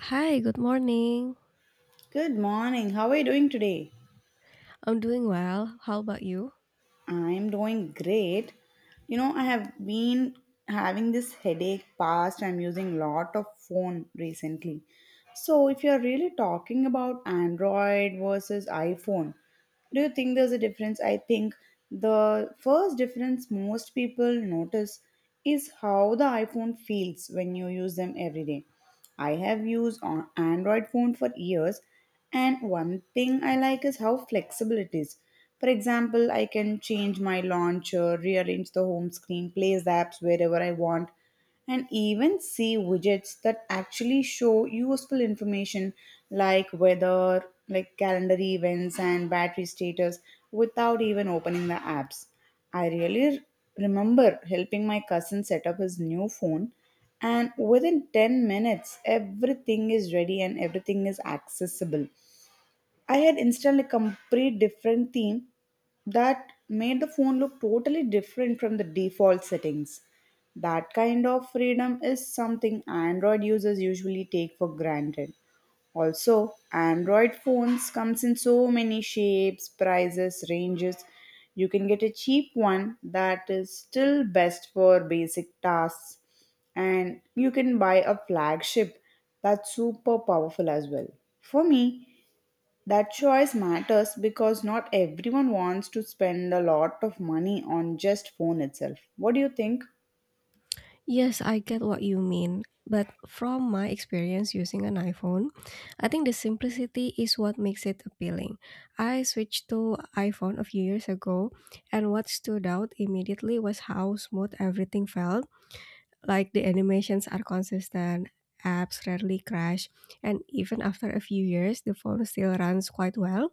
Hi, good morning. Good morning. How are you doing today? I'm doing well. How about you? I'm doing great. You know, I have been having this headache past. I'm using lot of phone recently. So, if you're really talking about Android versus iPhone, do you think there's a difference? I think the first difference most people notice is how the iPhone feels when you use them every day. I have used on Android phone for years and one thing I like is how flexible it is. For example, I can change my launcher, rearrange the home screen, place apps wherever I want, and even see widgets that actually show useful information like weather, like calendar events, and battery status without even opening the apps. I really remember helping my cousin set up his new phone, and within 10 minutes everything is ready and everything is accessible. I had installed a complete different theme that made the phone look totally different from the default settings. That kind of freedom is something Android users usually take for granted. Also, Android phones comes in so many shapes, prices, ranges. You can get a cheap one that is still best for basic tasks and you can buy a flagship that's super powerful as well. For me, that choice matters because not everyone wants to spend a lot of money on just phone itself. What do you think? Yes, I get what you mean. But from my experience using an iPhone, I think the simplicity is what makes it appealing. I switched to iPhone a few years ago, and what stood out immediately was how smooth everything felt. Like, the animations are consistent, apps rarely crash, and even after a few years, the phone still runs quite well.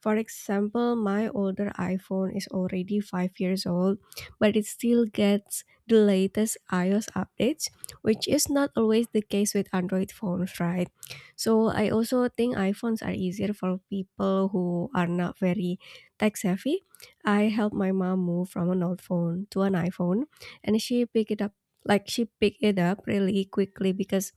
For example, my older iPhone is already 5 years old, but it still gets the latest iOS updates, which is not always the case with Android phones, right? So I also think iPhones are easier for people who are not very tech savvy. I helped my mom move from an old phone to an iPhone and she picked it up, like, she picked it up really quickly because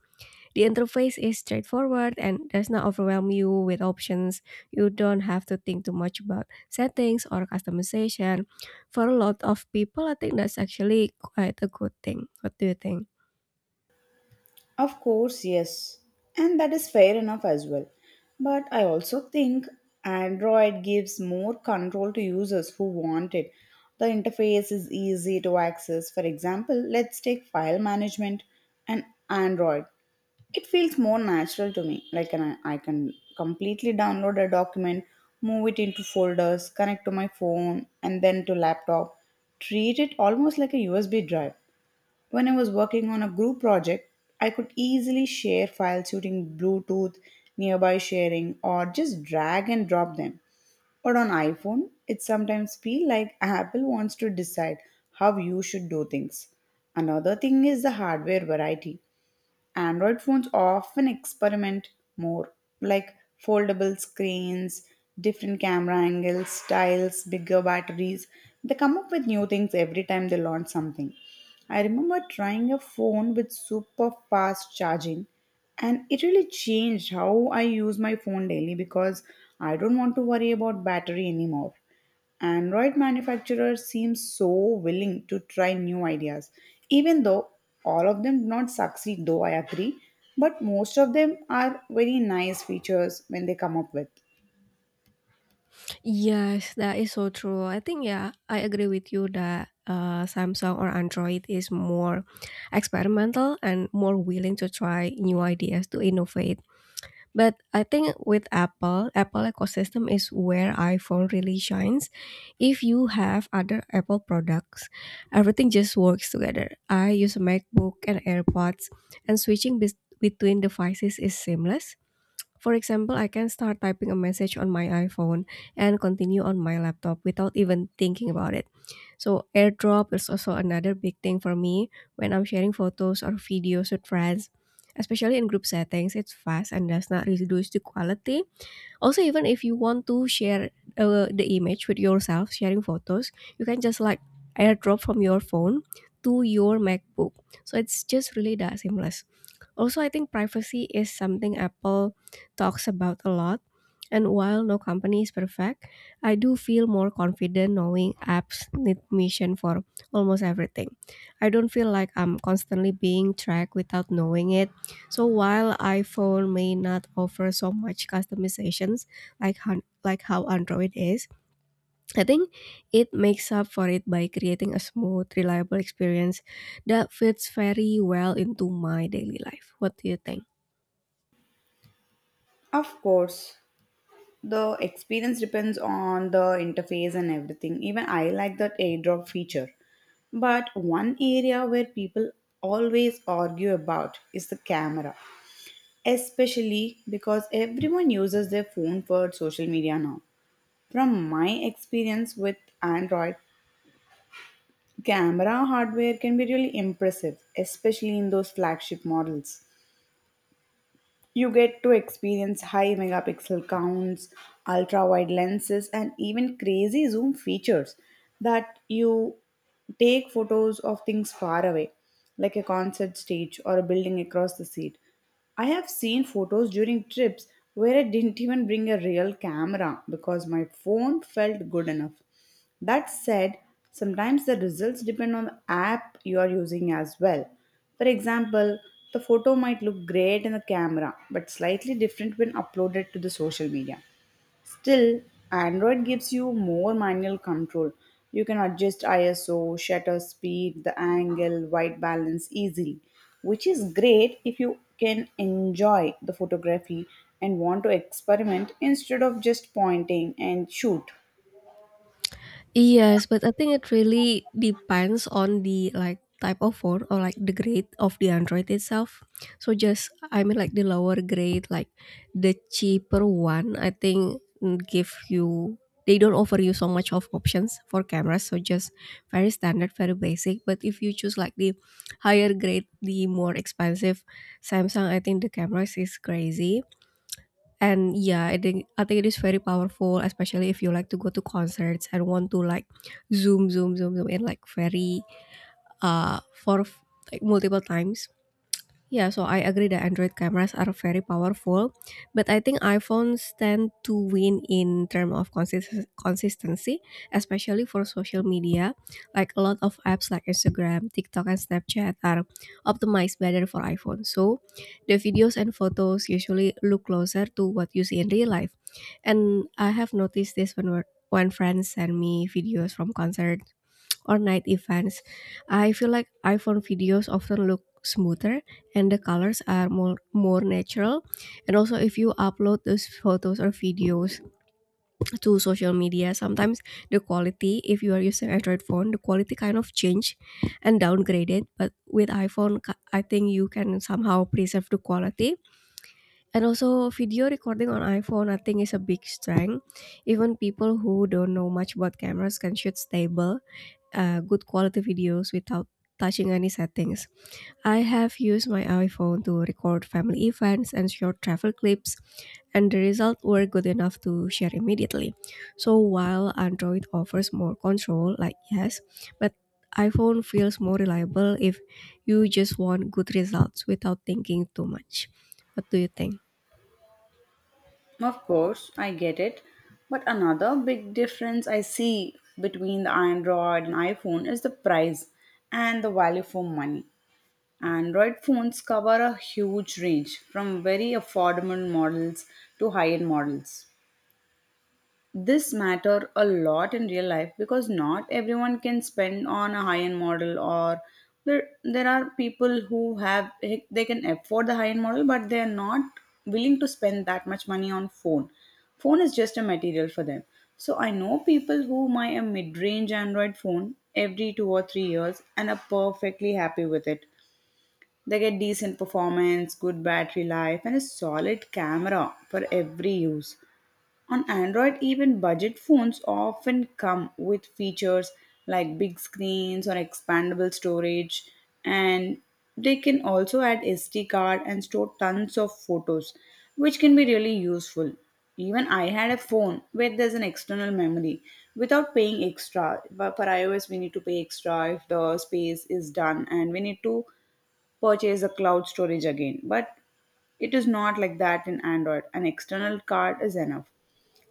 the interface is straightforward and does not overwhelm you with options. You don't have to think too much about settings or customization. For a lot of people, I think that's actually quite a good thing. What do you think? Of course, yes. And that is fair enough as well. But I also think Android gives more control to users who want it. The interface is easy to access. For example, let's take file management and Android. It feels more natural to me. I can completely download a document, move it into folders, connect to my phone, and then to laptop. Treat it almost like a USB drive. When I was working on a group project, I could easily share files using Bluetooth, nearby sharing, or just drag and drop them. But on iPhone, it sometimes feel like Apple wants to decide how you should do things. Another thing is the hardware variety. Android phones often experiment more, like foldable screens, different camera angles, styles, bigger batteries. They come up with new things every time they launch something. I remember trying a phone with super fast charging, and it really changed how I use my phone daily because I don't want to worry about battery anymore. Android manufacturers seem so willing to try new ideas, even though all of them do not succeed, though I agree. But most of them are very nice features when they come up with. Yes, that is so true. I think, yeah, I agree with you that Samsung or Android is more experimental and more willing to try new ideas to innovate. But I think with Apple, Apple ecosystem is where iPhone really shines. If you have other Apple products, everything just works together. I use a MacBook and AirPods, and switching between devices is seamless. For example, I can start typing a message on my iPhone and continue on my laptop without even thinking about it. So airdrop is also another big thing for me when I'm sharing photos or videos with friends. Especially in group settings, it's fast and does not really reduce the quality also, even if you want to share the image with yourself, sharing photos, you can just like airdrop from your phone to your MacBook. So it's just really that seamless. Also, I think privacy is something Apple talks about a lot. And while no company is perfect, I do feel more confident knowing apps need permission for almost everything. I don't feel like I'm constantly being tracked without knowing it. So while iPhone may not offer so much customizations like how Android is, I think it makes up for it by creating a smooth, reliable experience that fits very well into my daily life. What do you think? Of course, the experience depends on the interface and everything. Even I like that airdrop feature. But one area where people always argue about is the camera, especially because everyone uses their phone for social media now. From my experience with Android, camera hardware can be really impressive, especially in those flagship models. You get to experience high megapixel counts, ultra wide lenses, and even crazy zoom features that you take photos of things far away, like a concert stage or a building across the sea. I have seen photos during trips where I didn't even bring a real camera because my phone felt good enough. That said, sometimes the results depend on the app you are using as well. For example, the photo might look great in the camera but slightly different when uploaded to the social media. Still, Android gives you more manual control. You can adjust ISO, shutter speed, the angle, white balance easily, which is great if you can enjoy the photography and want to experiment instead of just pointing and shoot. Yes, but I think it really depends on the, like, type of phone or, like, the grade of the Android itself. So just, I mean, like, the lower grade, like the cheaper one, I think, give you, they don't offer you so much of options for cameras. So just very standard, very basic. But if you choose like the higher grade, the more expensive Samsung, I think the cameras is crazy. And yeah, I think it is very powerful, especially if you like to go to concerts and want to like zoom, zoom, zoom, zoom in like very for, like, multiple times. Yeah, so I agree that Android cameras are very powerful, but I think iPhones tend to win in terms of consistency, especially for social media. Like a lot of apps like Instagram, TikTok, and Snapchat are optimized better for iPhone. So the videos and photos usually look closer to what you see in real life. And I have noticed this when when friends send me videos from concerts or night events. I feel like iPhone videos often look smoother and the colors are more natural. And also, if you upload those photos or videos to social media, sometimes the quality, if you are using Android phone, the quality kind of change and downgraded. But with iPhone, I think you can somehow preserve the quality. And also, video recording on iPhone, I think, is a big strength. Even people who don't know much about cameras can shoot stable, good quality videos without touching any settings. I have used my iPhone to record family events and short travel clips, and the results were good enough to share immediately. So while Android offers more control, like, yes, but iPhone feels more reliable if you just want good results without thinking too much. What do you think? Of course, I get it. But another big difference I see between the Android and iPhone is the price and the value for money. Android phones cover a huge range from very affordable models to high end models. This matter a lot in real life because not everyone can spend on a high-end model, or there are people who have they can afford the high-end model but they are not willing to spend that much money on phone. Phone is just a material for them. So I know people who buy a mid-range Android phone every 2 or 3 years and are perfectly happy with it. They get decent performance, good battery life, and a solid camera for every use. On Android, even budget phones often come with features like big screens or expandable storage, and they can also add SD card and store tons of photos, which can be really useful. Even I had a phone where there's an external memory without paying extra. But for iOS, we need to pay extra if the space is done, and we need to purchase the cloud storage again. But it is not like that in Android. An external card is enough.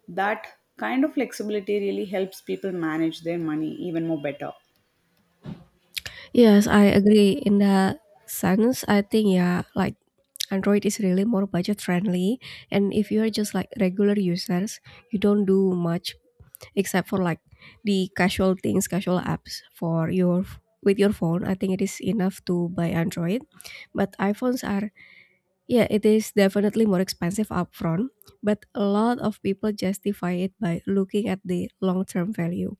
That kind of flexibility really helps people manage their money even more better. Yes, I agree. In that sense, I think, yeah, like, Android is really more budget friendly. And if you're just like regular users, you don't do much except for like the casual things, casual apps for your with your phone. I think it is enough to buy Android. But iPhones are, yeah, it is definitely more expensive upfront. But a lot of people justify it by looking at the long term value.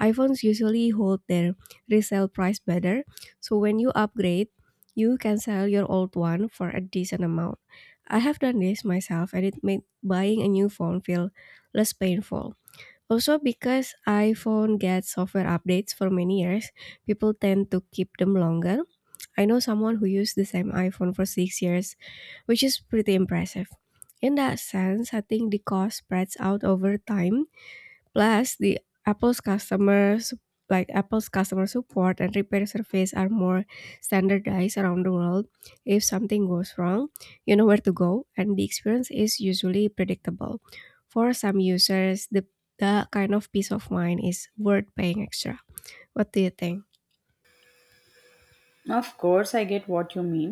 iPhones usually hold their resale price better, so when you upgrade, you can sell your old one for a decent amount. I have done this myself and it made buying a new phone feel less painful. Also, because iPhone gets software updates for many years, people tend to keep them longer. I know someone who used the same iPhone for 6 years, which is pretty impressive. In that sense, I think the cost spreads out over time. Plus, the Apple's customers, like Apple's customer support and repair service are more standardized around the world. If something goes wrong, you know where to go, and the experience is usually predictable. For some users, the kind of peace of mind is worth paying extra. What do you think? Of course, I get what you mean.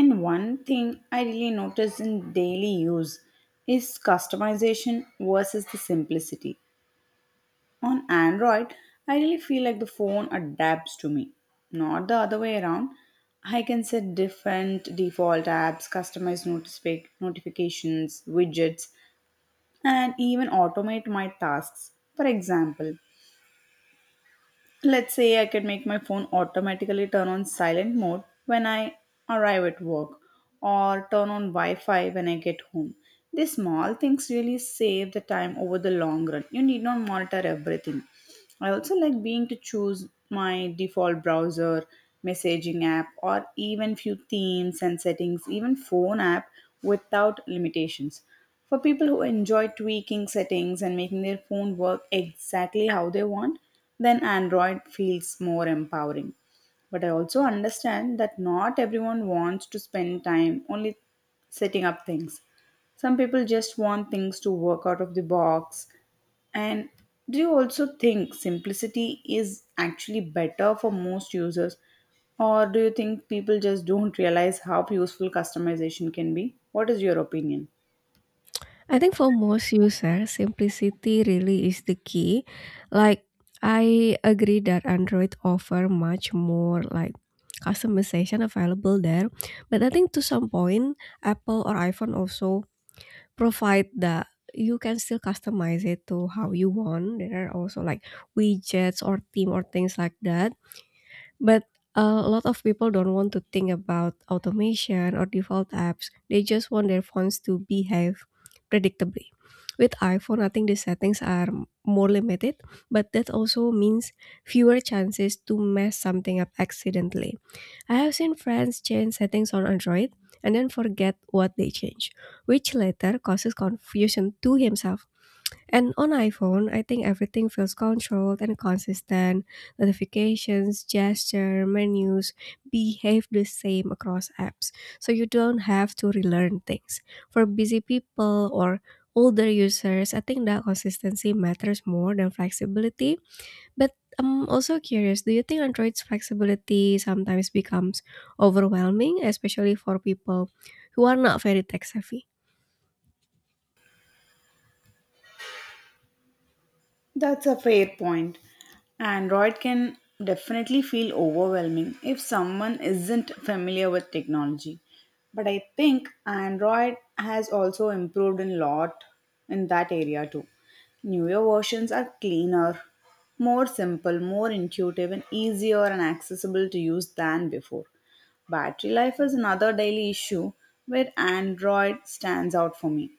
And one thing I really notice in daily use is customization versus the simplicity. On Android, I really feel like the phone adapts to me, not the other way around. I can set different default apps, customize notice notifications, widgets, and even automate my tasks. For example, let's say I could make my phone automatically turn on silent mode when I arrive at work, or turn on Wi Fi when I get home. These small things really save the time over the long run. You need not monitor everything. I also like being to choose my default browser, messaging app, or even few themes and settings, even phone app without limitations. For people who enjoy tweaking settings and making their phone work exactly how they want, then Android feels more empowering. But I also understand that not everyone wants to spend time only setting up things. Some people just want things to work out of the box. And do you also think simplicity is actually better for most users? Or do you think people just don't realize how useful customization can be? What is your opinion? I think for most users, simplicity really is the key. Like, I agree that Android offer much more like customization available there, but I think to some point, Apple or iPhone also provide that. You can still customize it to how you want. There are also like widgets or theme or things like that. But a lot of people don't want to think about automation or default apps. They just want their phones to behave predictably. With iPhone, I think the settings are more limited, but that also means fewer chances to mess something up accidentally. I have seen friends change settings on Android and then forget what they changed, which later causes confusion to himself. And on iPhone, I think everything feels controlled and consistent. Notifications, gesture, menus behave the same across apps. So you don't have to relearn things. For busy people or older users, I think that consistency matters more than flexibility. But I'm also curious, do you think Android's flexibility sometimes becomes overwhelming, especially for people who are not very tech savvy? That's a fair point. Android can definitely feel overwhelming if someone isn't familiar with technology. But I think Android has also improved a lot in that area too. Newer versions are cleaner, more simple, more intuitive, and easier and accessible to use than before. Battery life is another daily issue where Android stands out for me.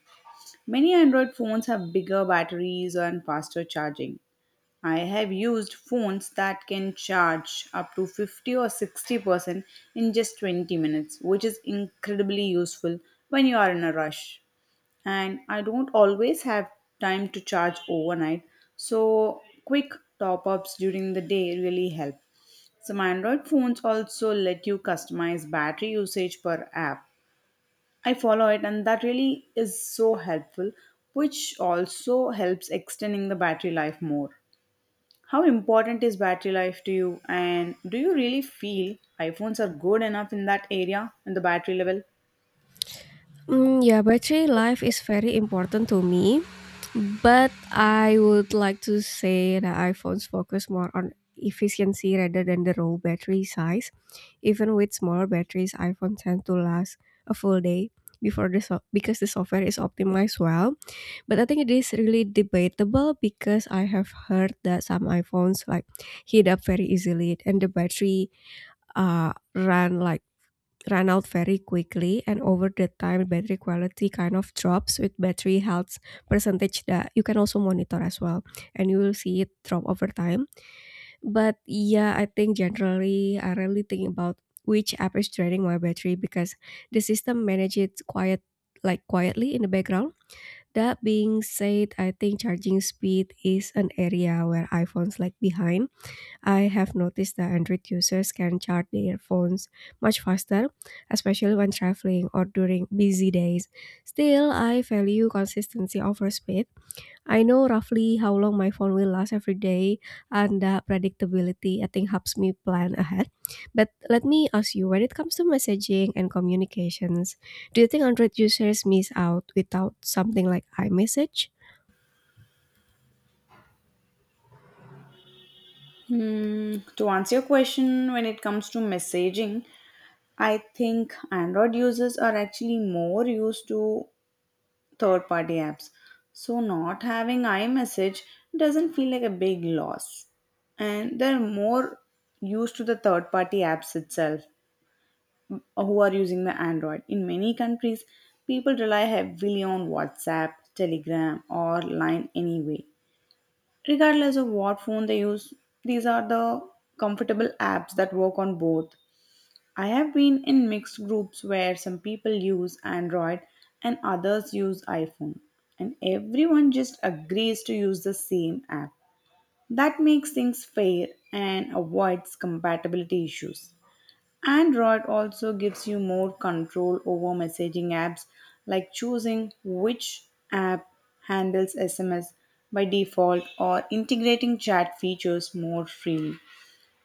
Many Android phones have bigger batteries and faster charging. I have used phones that can charge up to 50 or 60% in just 20 minutes, which is incredibly useful when you are in a rush. And I don't always have time to charge overnight, so quick top ups during the day really help. Some Android phones also let you customize battery usage per app. I follow it, and that really is so helpful, which also helps extending the battery life more. How important is battery life to you, and do you really feel iPhones are good enough in that area, in the battery level? Yeah, battery life is very important to me, but I would like to say that iPhones focus more on efficiency rather than the raw battery size. Even with smaller batteries, iPhones tend to last a full day before because the software is optimized well. But I think it is really debatable because I have heard that some iPhones like heat up very easily and the battery run like run out very quickly and over the time battery quality kind of drops with battery health percentage that you can also monitor as well. And you will see it drop over time. But yeah, I think generally I rarely think about which app is draining my battery because the system manages it quiet like quietly in the background. That being said, I think charging speed is an area where iPhones lag behind. I have noticed that Android users can charge their phones much faster, especially when traveling or during busy days. Still, I value consistency over speed. I know roughly how long my phone will last every day, and that predictability, I think, helps me plan ahead. But let me ask you, when it comes to messaging and communications, do you think Android users miss out without something like iMessage? To answer your question, when it comes to messaging, I think Android users are actually more used to third party apps. So, not having iMessage doesn't feel like a big loss. And they're more used to the third party apps itself, who are using the Android. In many countries, people rely heavily on WhatsApp, Telegram, or Line anyway. Regardless of what phone they use, these are the comfortable apps that work on both. I have been in mixed groups where some people use Android and others use iPhone, and everyone just agrees to use the same app. That makes things fair and avoids compatibility issues. Android also gives you more control over messaging apps, like choosing which app handles SMS by default or integrating chat features more freely.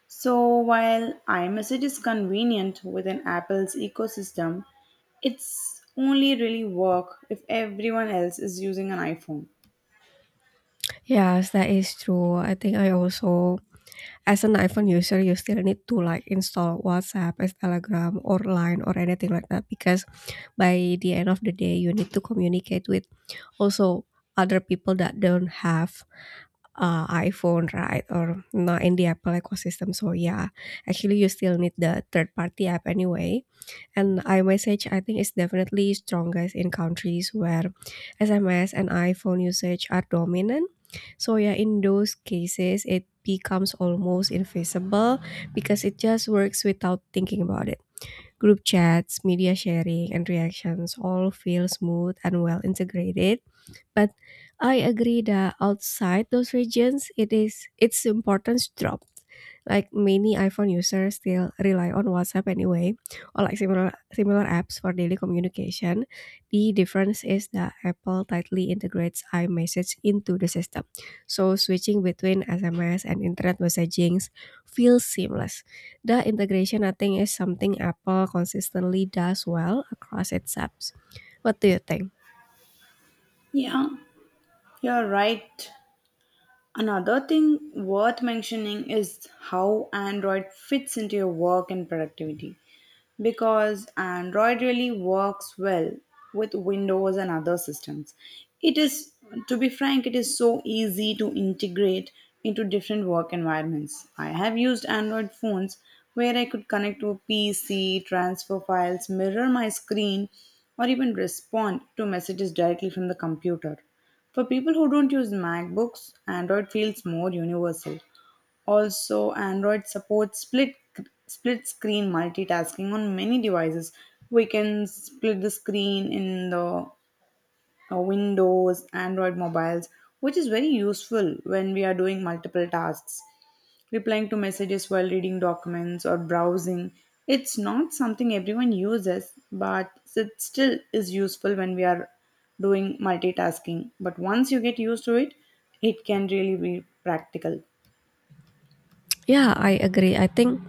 So, while iMessage is convenient within Apple's ecosystem, it's only really work if everyone else is using an iPhone. Yes, that is true. I think I also, as an iPhone user, you still need to like install WhatsApp, as Telegram, or Line, or anything like that because by the end of the day, you need to communicate with also other people that don't have iPhone, right? Or not in the Apple ecosystem. So yeah, actually, you still need the third party app anyway. And iMessage, I think, is definitely strongest in countries where SMS and iPhone usage are dominant. So, yeah, in those cases, it becomes almost invisible because it just works without thinking about it. Group chats, media sharing, and reactions all feel smooth and well integrated. But I agree that outside those regions, it is its importance drop. Like many iPhone users still rely on WhatsApp anyway, or like similar apps for daily communication. The difference is that Apple tightly integrates iMessage into the system, so switching between SMS and internet messaging feels seamless. The integration, I think, is something Apple consistently does well across its apps. What do you think? Yeah, you're right. Another thing worth mentioning is how Android fits into your work and productivity because Android really works well with Windows and other systems. It is, to be frank, it is so easy to integrate into different work environments. I have used Android phones where I could connect to a PC, transfer files, mirror my screen, or even respond to messages directly from the computer. For people who don't use MacBooks, Android feels more universal. Also, Android supports split screen multitasking on many devices. We can split the screen in the Windows, Android mobiles, which is very useful when we are doing multiple tasks replying to messages while reading documents or browsing. It's not something everyone uses, but it still is useful when we are doing multitasking. But once you get used to it, it can really be practical. Yeah, I agree. I think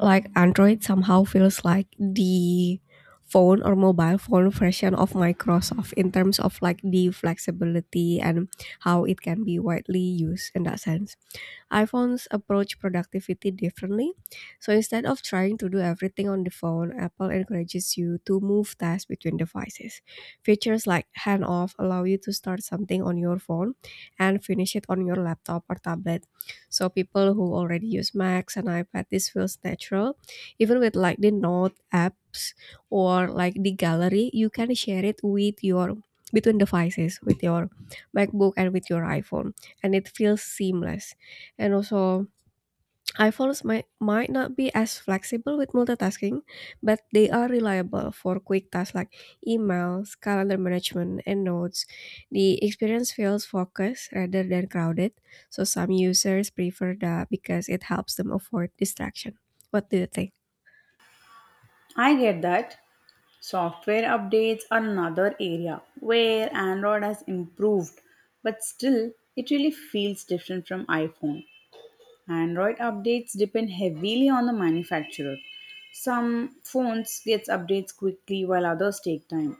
like Android somehow feels like the phone or mobile phone version of Microsoft in terms of like the flexibility and how it can be widely used in that sense. iPhones approach productivity differently. So instead of trying to do everything on the phone, Apple encourages you to move tasks between devices. Features like hand off allow you to start something on your phone and finish it on your laptop or tablet. So people who already use Macs and iPad, this feels natural. Even with like the Note apps or like the gallery, you can share it with your between devices with your MacBook and with your iPhone and it feels seamless. And also, iPhones might not be as flexible with multitasking, but they are reliable for quick tasks like emails, calendar management, and notes. The experience feels focused rather than crowded, so some users prefer that because it helps them avoid distraction. What do you think? I get that. Software updates are another area where Android has improved, but still, it really feels different from iPhone. Android updates depend heavily on the manufacturer. Some phones gets updates quickly while others take time.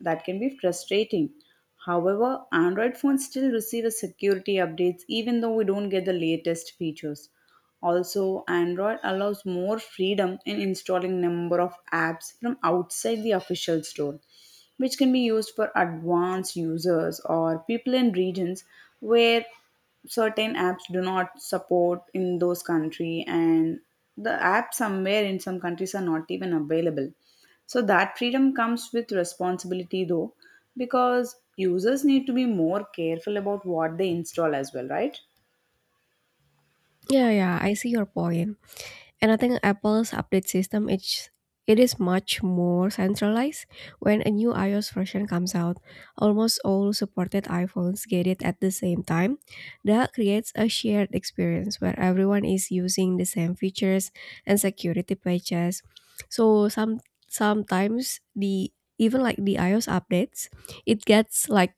That can be frustrating. However, Android phones still receive a security updates even though we don't get the latest features. Also, Android allows more freedom in installing number of apps from outside the official store, which can be used for advanced users or people in regions where certain apps do not support in those country, and the apps somewhere in some countries are not even available. So that freedom comes with responsibility though, because users need to be more careful about what they install as well, right? Yeah, yeah, I see your point. And I think Apple's update system, it is much more centralized. When a new iOS version comes out, almost all supported iPhones get it at the same time. That creates a shared experience where everyone is using the same features and security patches. So some sometimes the even like the iOS updates, it gets like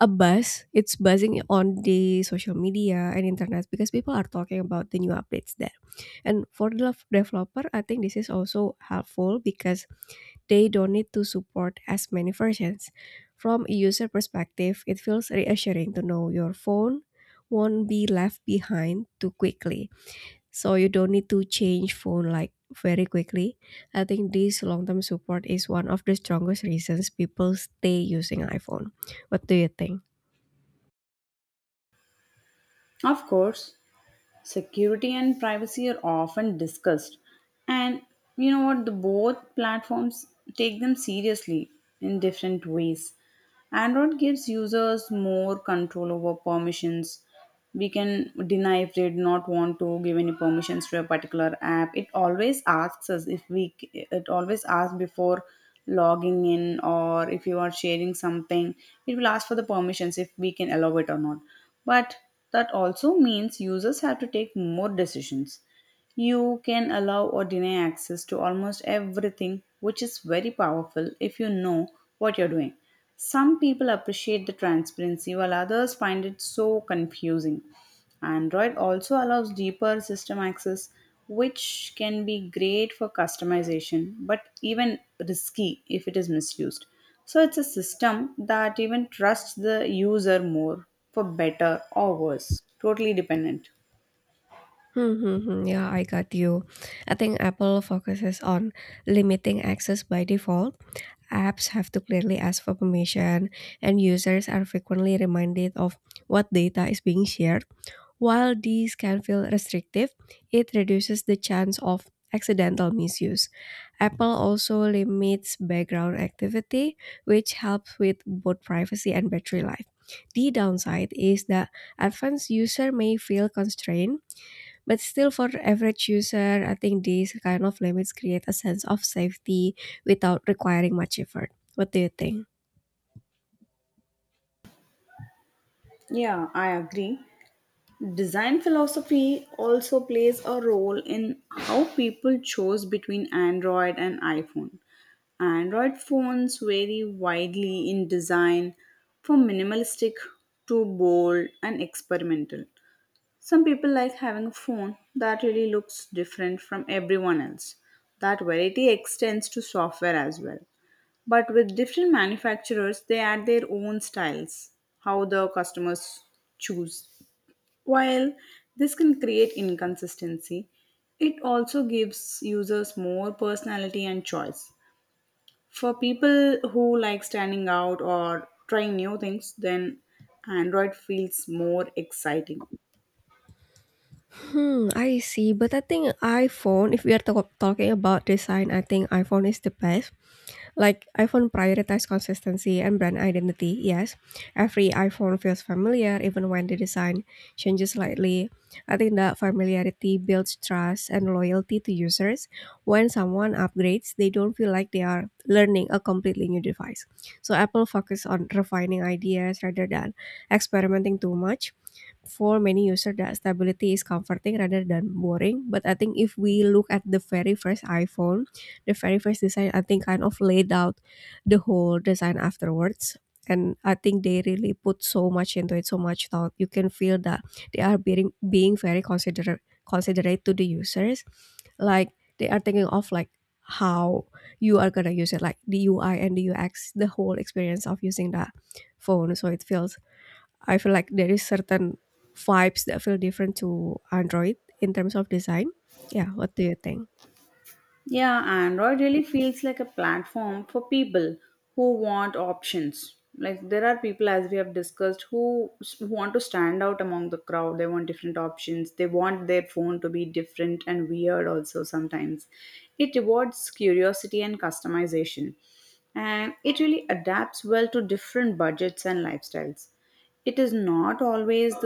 a buzz. It's buzzing on the social media and internet because people are talking about the new updates there. And for the developer, I think this is also helpful because they don't need to support as many versions. From a user perspective, it feels reassuring to know your phone won't be left behind too quickly. So you don't need to change phone like very quickly. I think this long-term support is one of the strongest reasons people stay using iPhone. What do you think? Of course, security and privacy are often discussed, and you know what, the both platforms take them seriously in different ways. Android gives users more control over permissions. We can deny if they do not want to give any permissions to a particular app. It always asks us if it always asks before logging in, or if you are sharing something, it will ask for the permissions if we can allow it or not. But that also means users have to take more decisions. You can allow or deny access to almost everything, which is very powerful if you know what you're doing. Some people appreciate the transparency, while others find it so confusing. Android also allows deeper system access, which can be great for customization, but even risky if it is misused. So it's a system that even trusts the user more, for better or worse. Totally dependent. Mm-hmm. Yeah, I got you. I think Apple focuses on limiting access by default. Apps have to clearly ask for permission, and users are frequently reminded of what data is being shared. While these can feel restrictive, it reduces the chance of accidental misuse. Apple also limits background activity, which helps with both privacy and battery life. The downside is that advanced user may feel constrained, but still, for the average user, I think these kind of limits create a sense of safety without requiring much effort. What do you think? Yeah, I agree. Design philosophy also plays a role in how people choose between Android and iPhone. Android phones vary widely in design, from minimalistic to bold and experimental. Some people like having a phone that really looks different from everyone else. That variety extends to software as well. But with different manufacturers, they add their own styles, how the customers choose. While this can create inconsistency, it also gives users more personality and choice. For people who like standing out or trying new things, then Android feels more exciting. Hmm, I see. But I think iPhone, if we are talking about design, I think iPhone is the best. Like iPhone prioritizes consistency and brand identity, yes. Every iPhone feels familiar even when the design changes slightly. I think that familiarity builds trust and loyalty to users. When someone upgrades, they don't feel like they are learning a completely new device. So Apple focuses on refining ideas rather than experimenting too much. For many users that stability is comforting rather than boring, but I think if we look at the very first iPhone, the very first design, I think, kind of laid out the whole design afterwards. And I think they really put so much into it, so much thought. You can feel that they are being very considerate to the users, like they are thinking of like how you are gonna use it, like the UI and the UX, the whole experience of using that phone. So it feels, I feel like there is certain vibes that feel different to Android in terms of design. Yeah, what do you think? Yeah, Android really feels like a platform for people who want options. Like there are people, as we have discussed, who want to stand out among the crowd. They want different options. They want their phone to be different and weird. Also, sometimes it rewards curiosity and customization, and it really adapts well to different budgets and lifestyles. It is not always the